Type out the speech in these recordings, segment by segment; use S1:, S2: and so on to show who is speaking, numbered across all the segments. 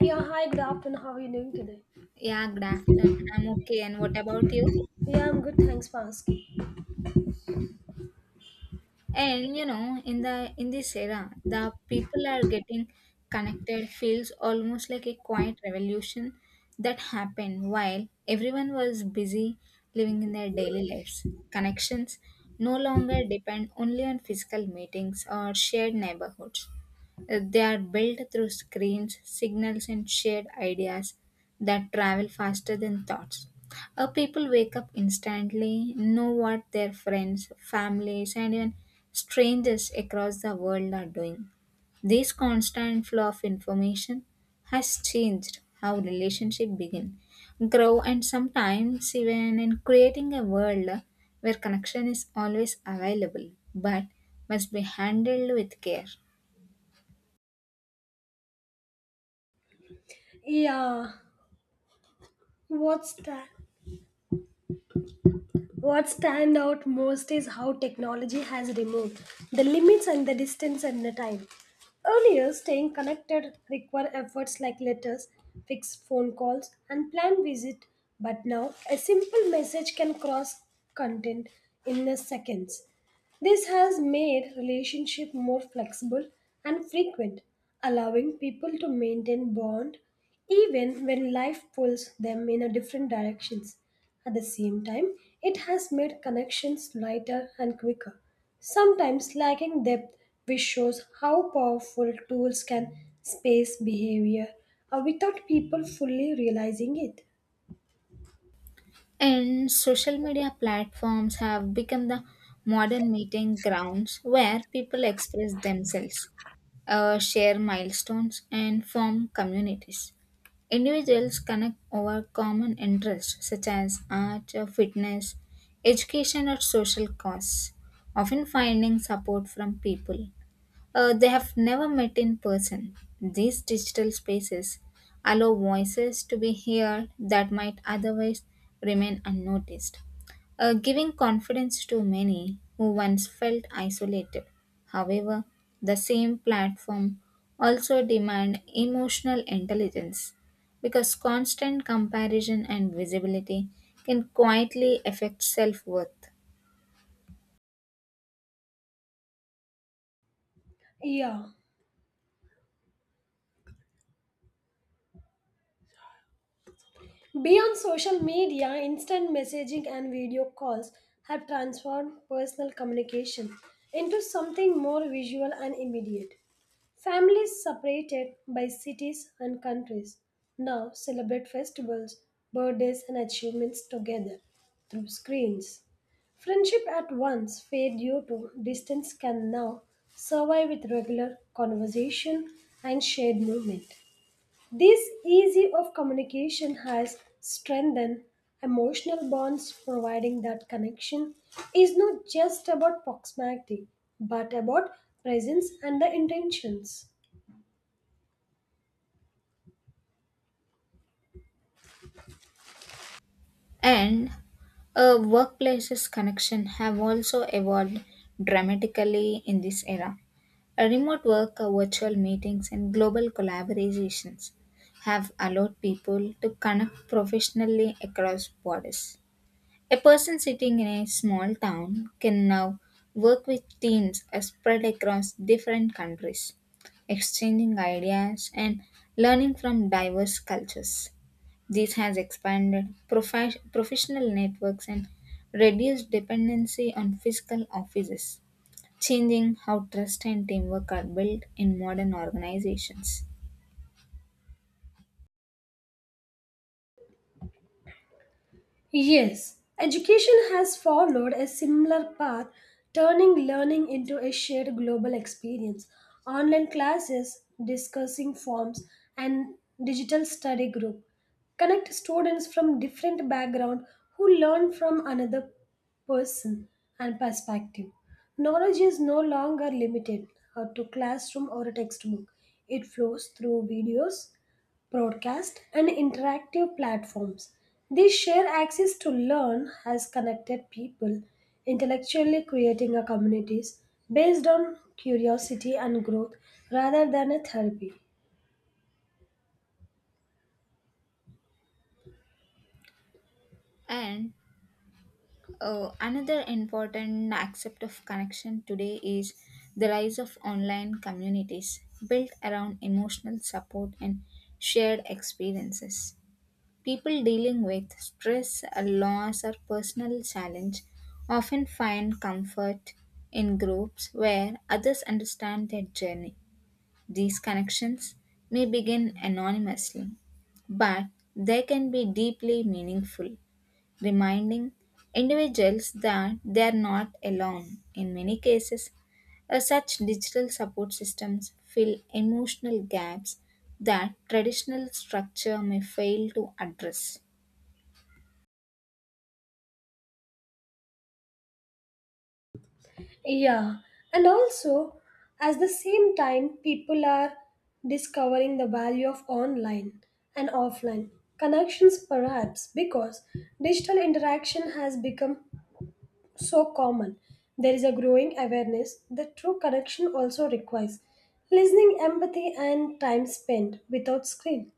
S1: Yeah, hi, good afternoon. How are you doing today?
S2: Yeah, good afternoon. I'm okay. And what about you?
S1: Yeah, I'm good, thanks for asking.
S2: And you know, in the in this era, the people are getting connected feels almost like a quiet revolution that happened while everyone was busy living in their daily lives. Connections no longer depend only on physical meetings or shared neighborhoods. They are built through screens, signals, and shared ideas that travel faster than thoughts. People wake up instantly, know what their friends, families, and even strangers across the world are doing. This constant flow of information has changed how relationships begin, grow, and sometimes even in creating a world where connection is always available but must be handled with care.
S1: Yeah, what's that? What stand out most is how technology has removed the limits and the distance and the time. Earlier, staying connected required efforts like letters, fixed phone calls, and planned visit, but now a simple message can cross content in a seconds. This has made relationship more flexible and frequent, allowing people to maintain bond even when life pulls them in a different directions. At the same time, it has made connections lighter and quicker, sometimes lacking depth, which shows how powerful tools can space behavior without people fully realizing it.
S2: And social media platforms have become the modern meeting grounds where people express themselves, share milestones, and form communities. Individuals connect over common interests such as art, fitness, education, or social causes, often finding support from people they have never met in person. These digital spaces allow voices to be heard that might otherwise remain unnoticed, giving confidence to many who once felt isolated. However, the same platform also demand emotional intelligence because constant comparison and visibility can quietly affect self-worth.
S1: Yeah. Beyond social media, instant messaging and video calls have transformed personal communication into something more visual and immediate. Families separated by cities and countries now celebrate festivals, birthdays, and achievements together through screens. Friendship at once fade due to distance can now survive with regular conversation and shared movement. This ease of communication has strengthened emotional bonds, providing that connection is not just about proximity but about presence and the intentions.
S2: And workplaces connection have also evolved dramatically in this era. A remote work, virtual meetings, and global collaborations have allowed people to connect professionally across borders. A person sitting in a small town can now work with teams spread across different countries, exchanging ideas and learning from diverse cultures. This has expanded professional networks and reduced dependency on physical offices, changing how trust and teamwork are built in modern organizations.
S1: Yes, education has followed a similar path, turning learning into a shared global experience. Online classes, discussing forms, and digital study group connect students from different background who learn from another person and perspective. Knowledge is no longer limited to classroom or a textbook. It flows through videos, broadcast, and interactive platforms. These share access to learn has connected people, intellectually creating a communities based on curiosity and growth rather than a therapy.
S2: And Oh, Another important aspect of connection today is the rise of online communities built around emotional support and shared experiences. People dealing with stress, a loss, or personal challenge often find comfort in groups where others understand their journey. These connections may begin anonymously, but they can be deeply meaningful reminding individuals that they are not alone. In many cases, such digital support systems fill emotional gaps that traditional structure may fail to address.
S1: Yeah, and also at the same time, people are discovering the value of online and offline connections, perhaps because digital interaction has become so common, there is a growing awareness that true connection also requires listening, empathy, and time spent without screen.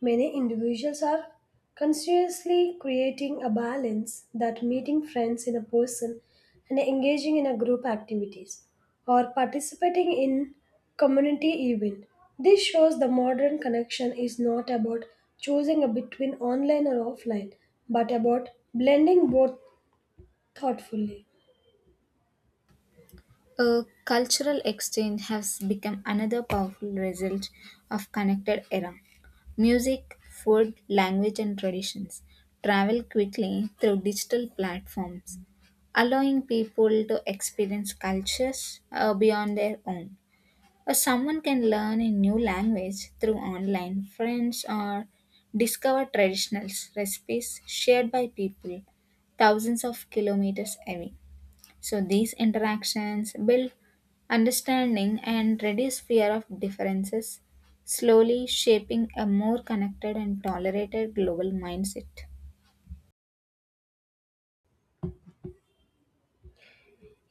S1: Many individuals are consciously creating a balance that meeting friends in a person and engaging in a group activities or participating in community event. This shows the modern connection is not about choosing a between online or offline, but about blending both thoughtfully.
S2: A cultural exchange has become another powerful result of connected era. Music, food, language, and traditions travel quickly through digital platforms, allowing people to experience cultures beyond their own. Or someone can learn a new language through online friends or discover traditional recipes shared by people thousands of kilometers away. So these interactions build understanding and reduce fear of differences, slowly shaping a more connected and tolerated global mindset.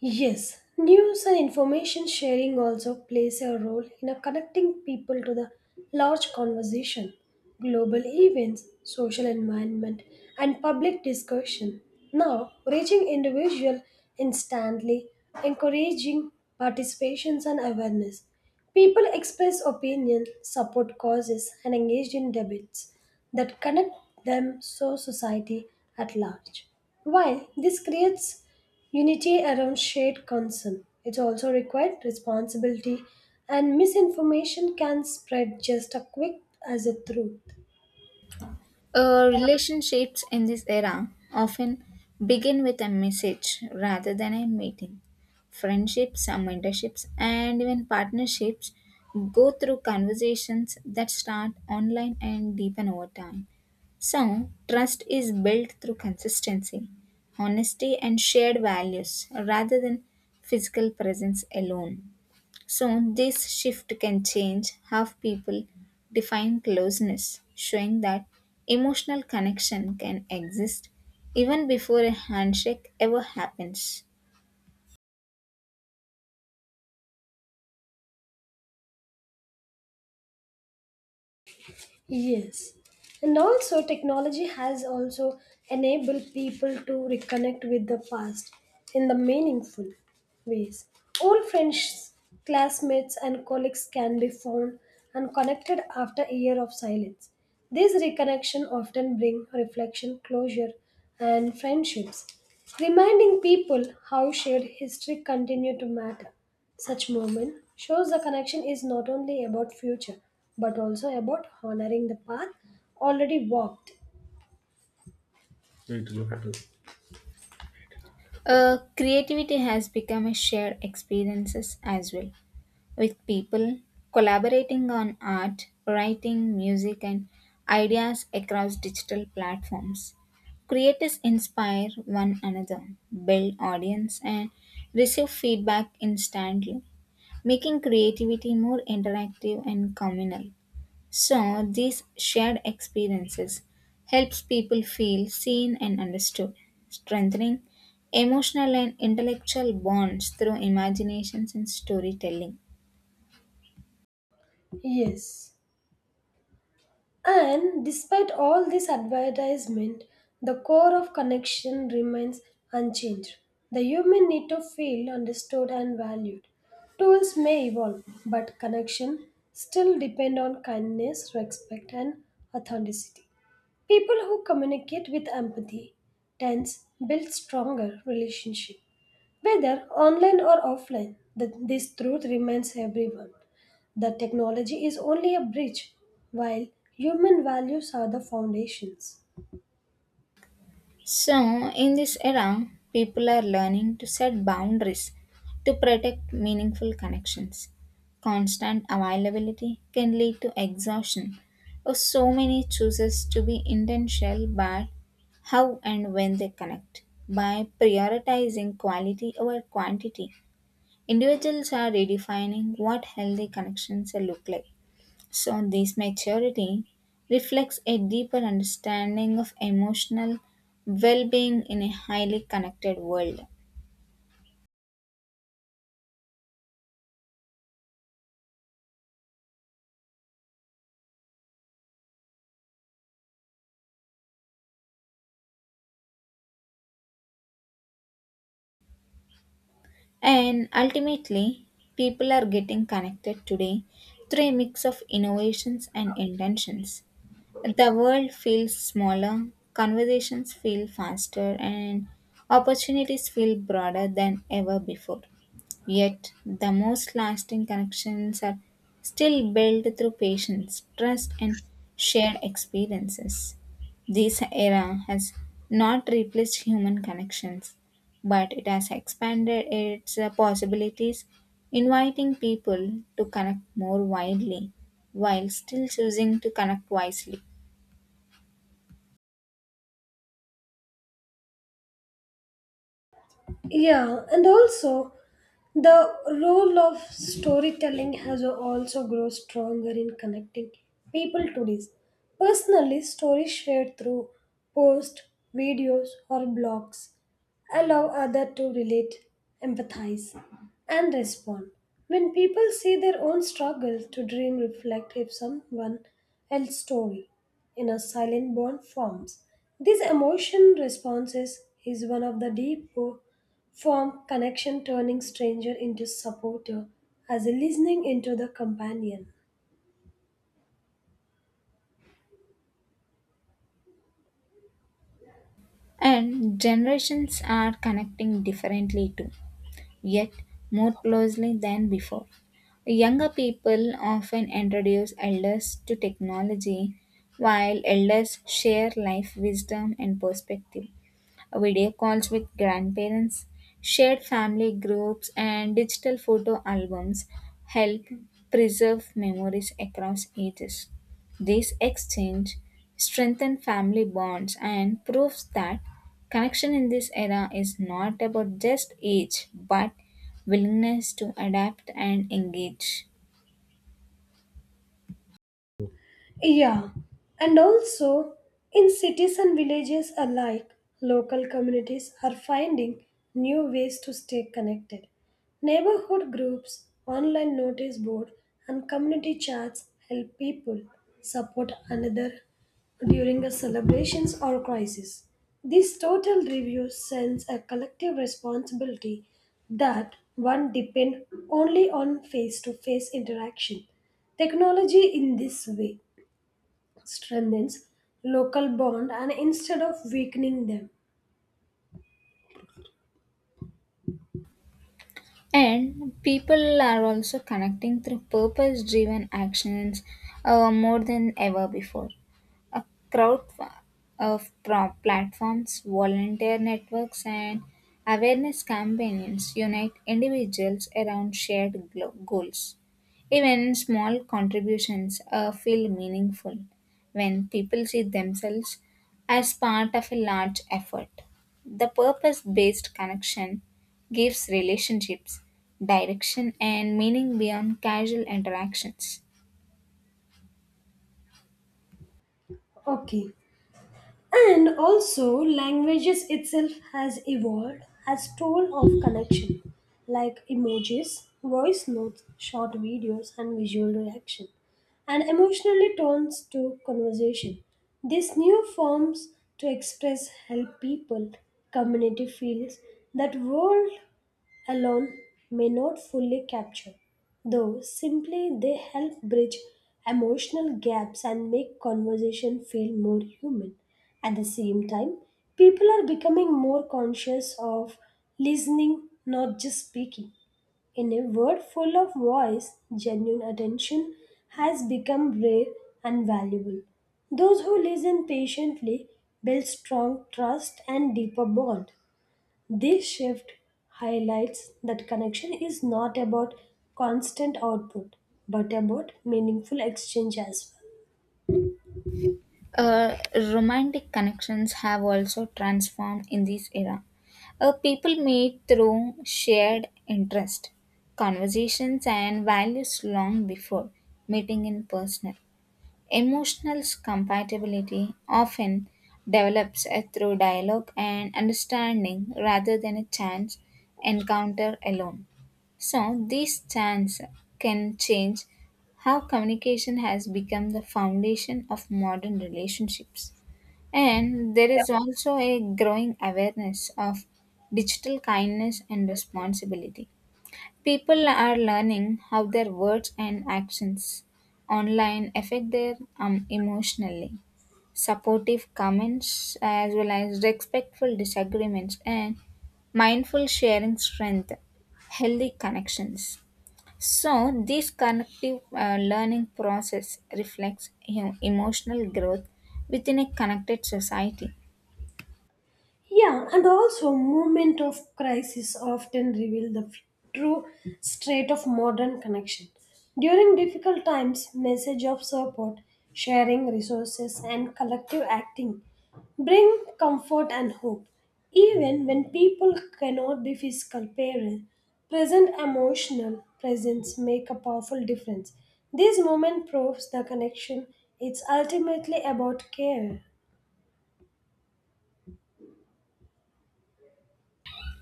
S1: Yes, news and information sharing also plays a role in a connecting people to the large conversation, global events, social environment, and public discussion. Now, reaching individual instantly, encouraging participations and awareness. People express opinion, support causes, and engage in debates that connect them to society at large. While this creates unity around shared concern, it also requires responsibility, and misinformation can spread just as quick as a truth.
S2: Relationships in this era often begin with a message rather than a meeting. Friendships, mentorships, and even partnerships go through conversations that start online and deepen over time. So, trust is built through consistency, honesty, and shared values rather than physical presence alone. So, this shift can change how people define closeness, showing that emotional connection can exist even before a handshake ever happens.
S1: Yes. And also technology has also enabled people to reconnect with the past in the meaningful ways. Old friends, classmates and colleagues can be found and connected after a year of silence. These reconnection often bring reflection, closure and friendships, reminding people how shared history continue to matter. Such moment shows the connection is not only about future but also about honoring the path already walked.
S2: Creativity has become a shared experiences as well, with people collaborating on art, writing, music, and ideas across digital platforms. Creators inspire one another, build audience, and receive feedback instantly, making creativity more interactive and communal. So these shared experiences helps people feel seen and understood, strengthening emotional and intellectual bonds through imaginations and storytelling.
S1: Yes. And despite all this advertisement, the core of connection remains unchanged. The human need to feel understood and valued. Tools may evolve, but connection still depend on kindness, respect, and authenticity. People who communicate with empathy tends build stronger relationship. Whether online or offline, this truth remains everyone. The technology is only a bridge, while human values are the foundations.
S2: So, in this era, people are learning to set boundaries to protect meaningful connections. Constant availability can lead to exhaustion. Or So many chooses to be intentional about how and when they connect. By prioritizing quality over quantity, individuals are redefining what healthy connections look like. So, this maturity reflects a deeper understanding of emotional well being in a highly connected world. And ultimately, people are getting connected today through a mix of innovations and intentions. The world feels smaller, conversations feel faster, and opportunities feel broader than ever before. Yet, the most lasting connections are still built through patience, trust, and shared experiences. This era has not replaced human connections, but it has expanded its possibilities, inviting people to connect more widely while still choosing to connect wisely.
S1: Yeah, and also the role of storytelling has also grown stronger in connecting people to this. Personally, stories shared through posts, videos, or blogs allow others to relate, empathize, and respond. When people see their own struggle to dream reflect if someone else's story in a silent bond forms. This emotion responses is one of the deep form connection turning stranger into supporter as a listening into the companion.
S2: And generations are connecting differently too, yet more closely than before. Younger people often introduce elders to technology, while elders share life wisdom and perspective video calls with grandparents, shared family groups, and digital photo albums help preserve memories across ages. This exchange strengthens family bonds and proves that connection in this era is not about just age but willingness to adapt and engage.
S1: Yeah, and also in cities and villages alike, local communities are finding new ways to stay connected. Neighborhood groups, online notice board, and community chats help people support another during a celebrations or crisis. This total review sends a collective responsibility that one depend only on face-to-face interaction. Technology in this way strengthens local bond and instead of weakening them.
S2: And people are also connecting through purpose driven actions more than ever before. A crowd fa- of pro- platforms, volunteer networks, and awareness campaigns unite individuals around shared goals. Even small contributions feel meaningful when people see themselves as part of a large effort. The purpose based connection gives relationships direction and meaning beyond casual interactions.
S1: Okay, and also languages itself has evolved as tool of connection like emojis voice notes short videos and visual reaction and emotionally turns to conversation. These new forms to express help people community feels that world alone may not fully capture, though simply they help bridge emotional gaps and make conversation feel more human. At the same time, people are becoming more conscious of listening, not just speaking. In a world full of voice, genuine attention has become rare and valuable. Those who listen patiently build strong trust and deeper bond. This shift highlights that connection is not about constant output, but about meaningful exchange as well.
S2: Romantic connections have also transformed in this era. People meet through shared interest, conversations, and values long before meeting in person. Emotional compatibility often develops through dialogue and understanding rather than a chance encounter alone. So, these chance can change how communication has become the foundation of modern relationships. And there is also a growing awareness of digital kindness and responsibility. People are learning how their words and actions online affect their emotionally. Supportive comments, as well as respectful disagreements, and mindful sharing strength, healthy connections. So, this connective learning process reflects emotional growth within a connected society.
S1: Yeah, and also moment of crisis often reveal the true state of modern connection. During difficult times, message of support, sharing resources, and collective acting bring comfort and hope. Even when people cannot be physical parent, present emotional presence make a powerful difference. This moment proves the connection. It's ultimately about care.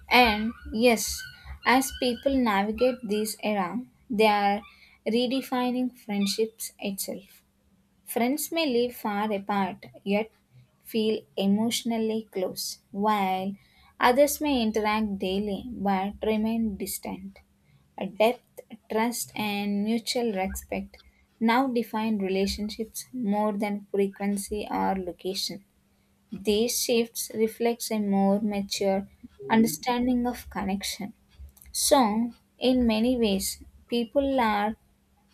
S2: And yes, as people navigate this era, they are redefining friendships itself. Friends may live far apart yet feel emotionally close, while others may interact daily but remain distant. A depth, trust, and mutual respect now define relationships more than frequency or location. These shifts reflects a more mature understanding of connection. So, in many ways, people are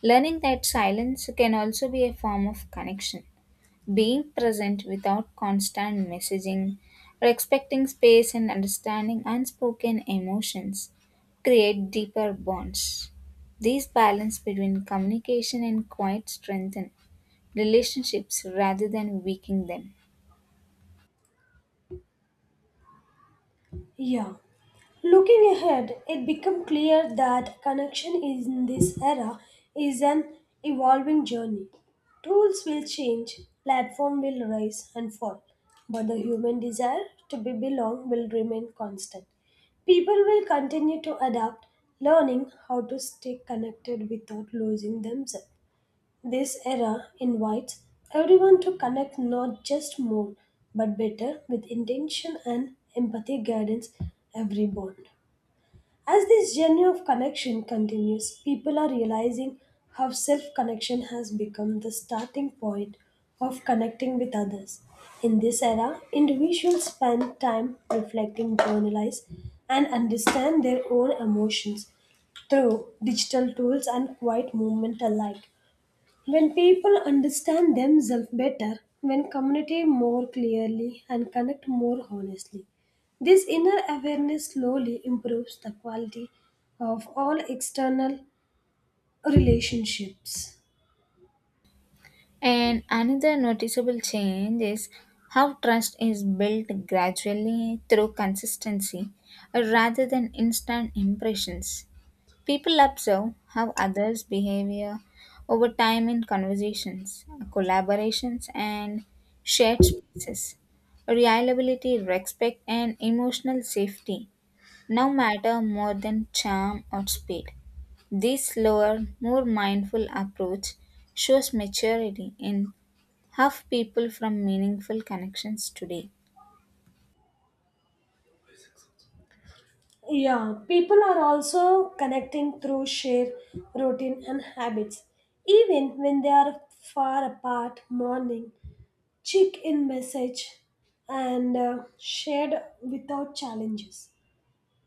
S2: learning that silence can also be a form of connection. Being present without constant messaging or expecting space and understanding unspoken emotions create deeper bonds. These balance between communication and quiet strengthen relationships rather than weaken them.
S1: Yeah. Looking ahead, it became clear that connection in this era is an evolving journey. Tools will change, platform will rise and fall, but the human desire to be belong will remain constant. People will continue to adapt, learning how to stay connected without losing themselves. This era invites everyone to connect not just more but better with intention and empathy guidance every bond. As this journey of connection continues, people are realizing how self connection has become the starting point of connecting with others. In this era, individuals spend time reflecting, journalize, and understand their own emotions through digital tools and quiet movement alike. When people understand themselves better, when communicate more clearly and connect more honestly, this inner awareness slowly improves the quality of all external relationships.
S2: And another noticeable change is how trust is built gradually through consistency rather than instant impressions. People observe how others' behavior over time in conversations, collaborations, and shared spaces. Reliability, respect, and emotional safety now matter more than charm or speed. This slower, more mindful approach shows maturity in have people from meaningful connections today.
S1: Yeah, people are also connecting through shared routine and habits. Even when they are far apart, morning, check in message and shared without challenges.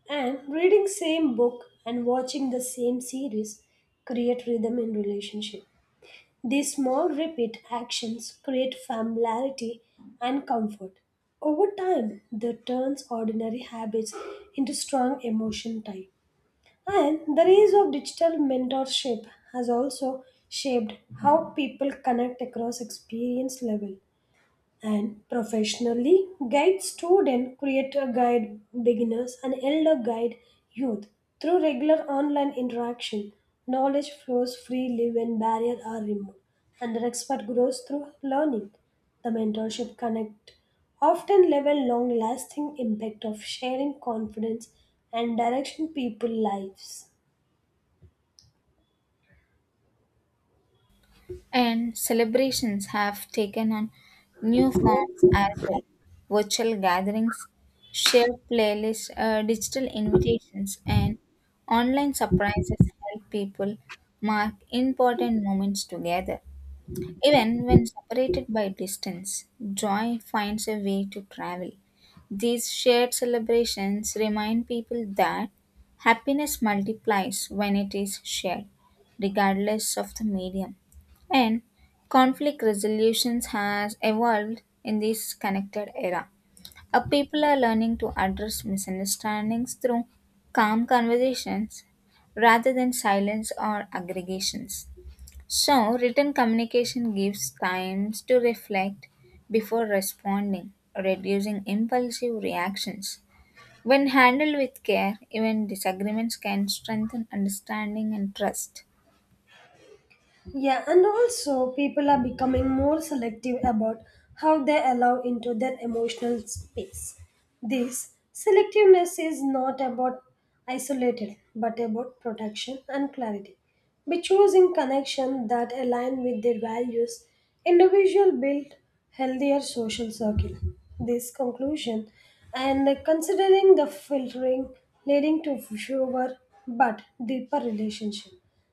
S1: And reading same book and watching the same series create rhythm in relationship. These small repeat actions create familiarity and comfort. Over time, they turns ordinary habits into strong emotion tie. And the rise of digital mentorship has also shaped how people connect across experience level and professionally guide student creator guide beginners and elder guide youth through regular online interaction. Knowledge flows freely when barriers are removed and the expert grows through learning. The mentorship connect often level long lasting impact of sharing confidence and direction people lives.
S2: And celebrations have taken on new forms as well virtual gatherings, shared playlists, digital invitations, and online surprises help people mark important moments together. Even when separated by distance, joy finds a way to travel. These shared celebrations remind people that happiness multiplies when it is shared, regardless of the medium. And conflict resolutions has evolved in this connected era. People are learning to address misunderstandings through calm conversations rather than silence or aggregations. So, written communication gives time to reflect before responding, reducing impulsive reactions. When handled with care, even disagreements can strengthen understanding and trust.
S1: Yeah, and also people are becoming more selective about how they allow into their emotional space. This selectiveness is not about isolated but about protection and clarity. By choosing connection that align with their values, individual build healthier social circle. This conclusion and considering the filtering leading to fewer but deeper relationship.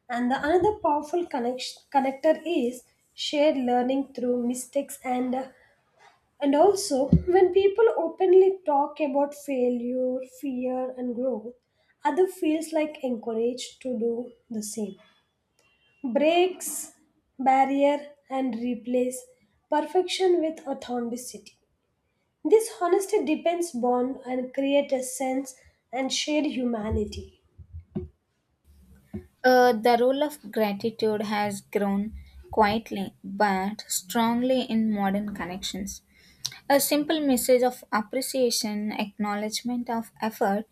S1: And the another powerful connection, connector is shared learning through mistakes and also when people openly talk about failure fear and growth other feels like encouraged to do the same breaks barrier and replace perfection with authenticity. This honesty depends bond and create a sense and shared humanity.
S2: The role of gratitude has grown quietly but strongly in modern connections. A simple message of appreciation, acknowledgement of effort,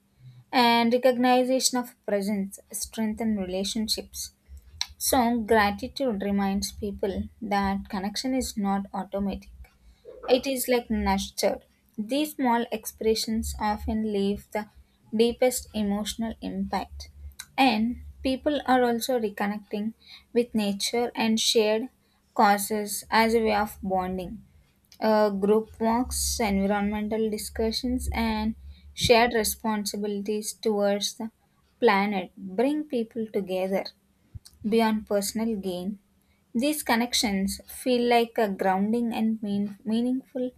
S2: and recognition of presence strengthen relationships. So gratitude reminds people that connection is not automatic it is like nurtured these small expressions often leave the deepest emotional impact and people are also reconnecting with nature and shared causes as a way of bonding group walks environmental discussions and shared responsibilities towards the planet bring people together. Beyond personal gain, these connections feel like a grounding and meaningful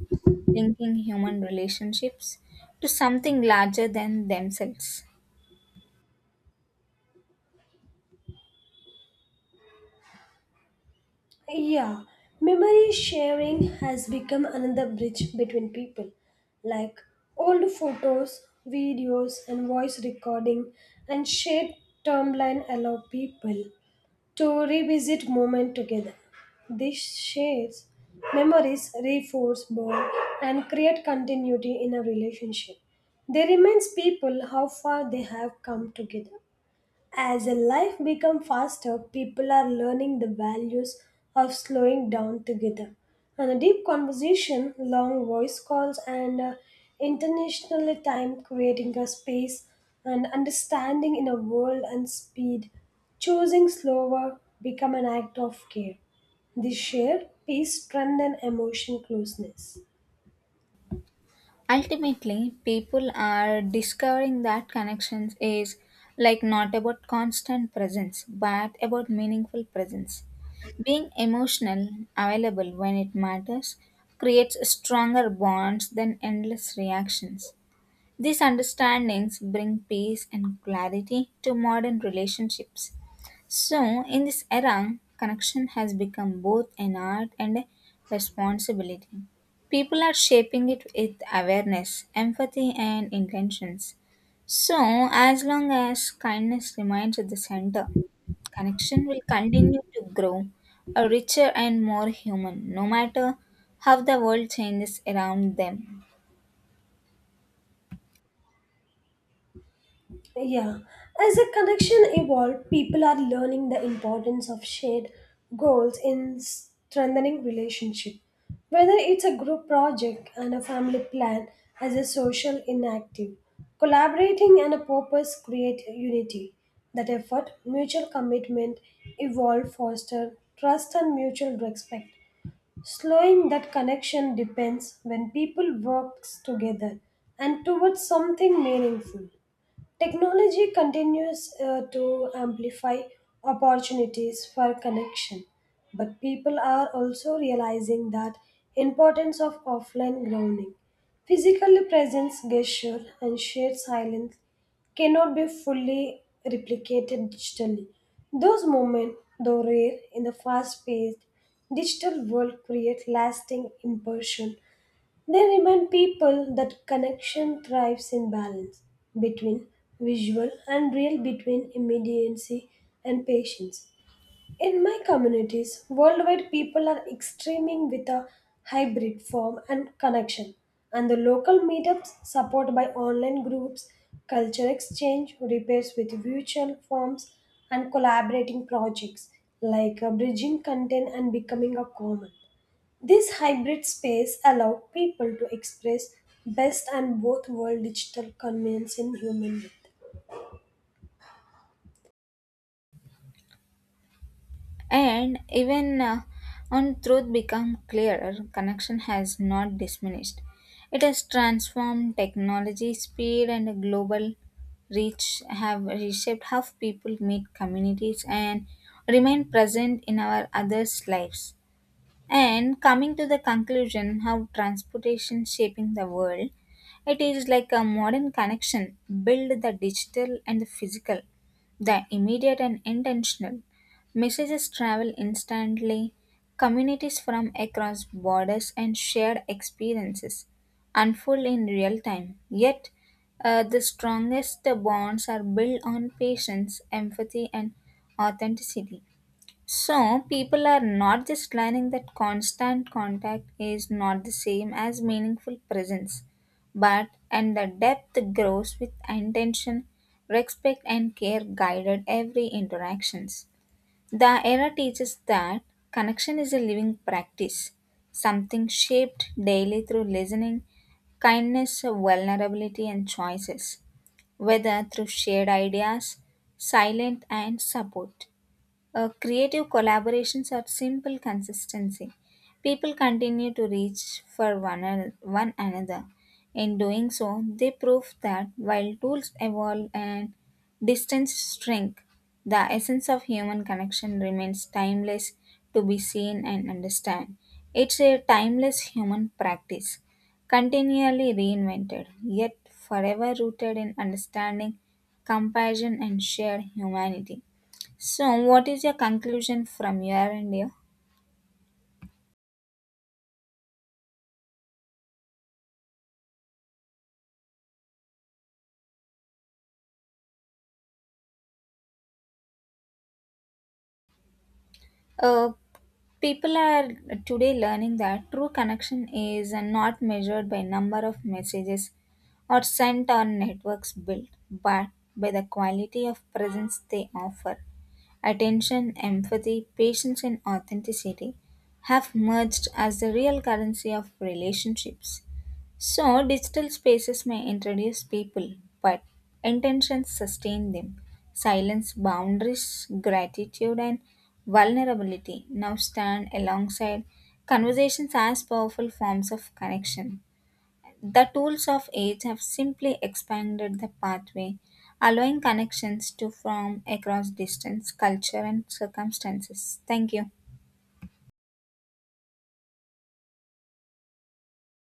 S2: linking human relationships to something larger than themselves.
S1: Yeah, memory sharing has become another bridge between people. Like old photos, videos, and voice recording, and shared timeline allow people to revisit moment together. This shares memories, reinforce bond, and create continuity in a relationship. They reminds people how far they have come together. As a life becomes faster, people are learning the values of slowing down together. And a deep conversation, long voice calls, and internationally time creating a space and understanding in a world and speed. Choosing slower become an act of care. This shared peace strengthen emotion closeness.
S2: Ultimately, people are discovering that connections is like not about constant presence but about meaningful presence. Being emotional, available when it matters, creates stronger bonds than endless reactions. These understandings bring peace and clarity to modern relationships. So, in this era, connection has become both an art and a responsibility. People are shaping it with awareness, empathy, and intentions. So, as long as kindness remains at the center, connection will continue to grow a richer and more human, no matter how the world changes around them.
S1: Yeah, as a connection evolved, people are learning the importance of shared goals in strengthening relationship. Whether it's a group project and a family plan as a social inactive, collaborating and a purpose create unity. That effort, mutual commitment, evolve, foster trust and mutual respect. Slowing that connection depends when people work together and towards something meaningful. Technology continues to amplify opportunities for connection, but people are also realizing that importance of offline grounding. Physical presence, gesture, and shared silence cannot be fully replicated digitally. Those moments, though rare in the fast-paced digital world, create lasting impression. They remind people that connection thrives in balance between visual and real, between immediacy and patience. In my communities, worldwide people are extreming with a hybrid form and connection, and the local meetups support by online groups, culture exchange, repairs with virtual forms, and collaborating projects like bridging content and becoming a common. This hybrid space allowed people to express best and both world digital convenience in human way.
S2: And even on truth become clearer, connection has not diminished. It has transformed technology, speed, and a global reach have reshaped how people meet communities and remain present in our others' lives. And coming to the conclusion, how transportation shaping the world, it is like a modern connection, build the digital and the physical, the immediate and intentional. Messages travel instantly, communities from across borders and shared experiences unfold in real time. Yet, the strongest bonds are built on patience, empathy, and authenticity. So, people are not just learning that constant contact is not the same as meaningful presence, but and the depth grows with intention, respect, and care guided every interactions. The era teaches that connection is a living practice, something shaped daily through listening, kindness, vulnerability, and choices, whether through shared ideas, silent, and support. Creative collaborations are simple consistency. People continue to reach for one another. In doing so, they prove that while tools evolve and distance shrink, the essence of human connection remains timeless to be seen and understand. It's a timeless human practice, continually reinvented, yet forever rooted in understanding, compassion, and shared humanity. So, what is your conclusion from your end here? Uh, People are today learning that true connection is not measured by number of messages or sent or networks built, but by the quality of presence they offer. Attention, empathy, patience, and authenticity have merged as the real currency of relationships. So, digital spaces may introduce people, but intentions sustain them. Silence, boundaries, gratitude, and vulnerability now stand alongside conversations as powerful forms of connection. The tools of age have simply expanded the pathway, allowing connections to form across distance, culture, and circumstances. Thank you.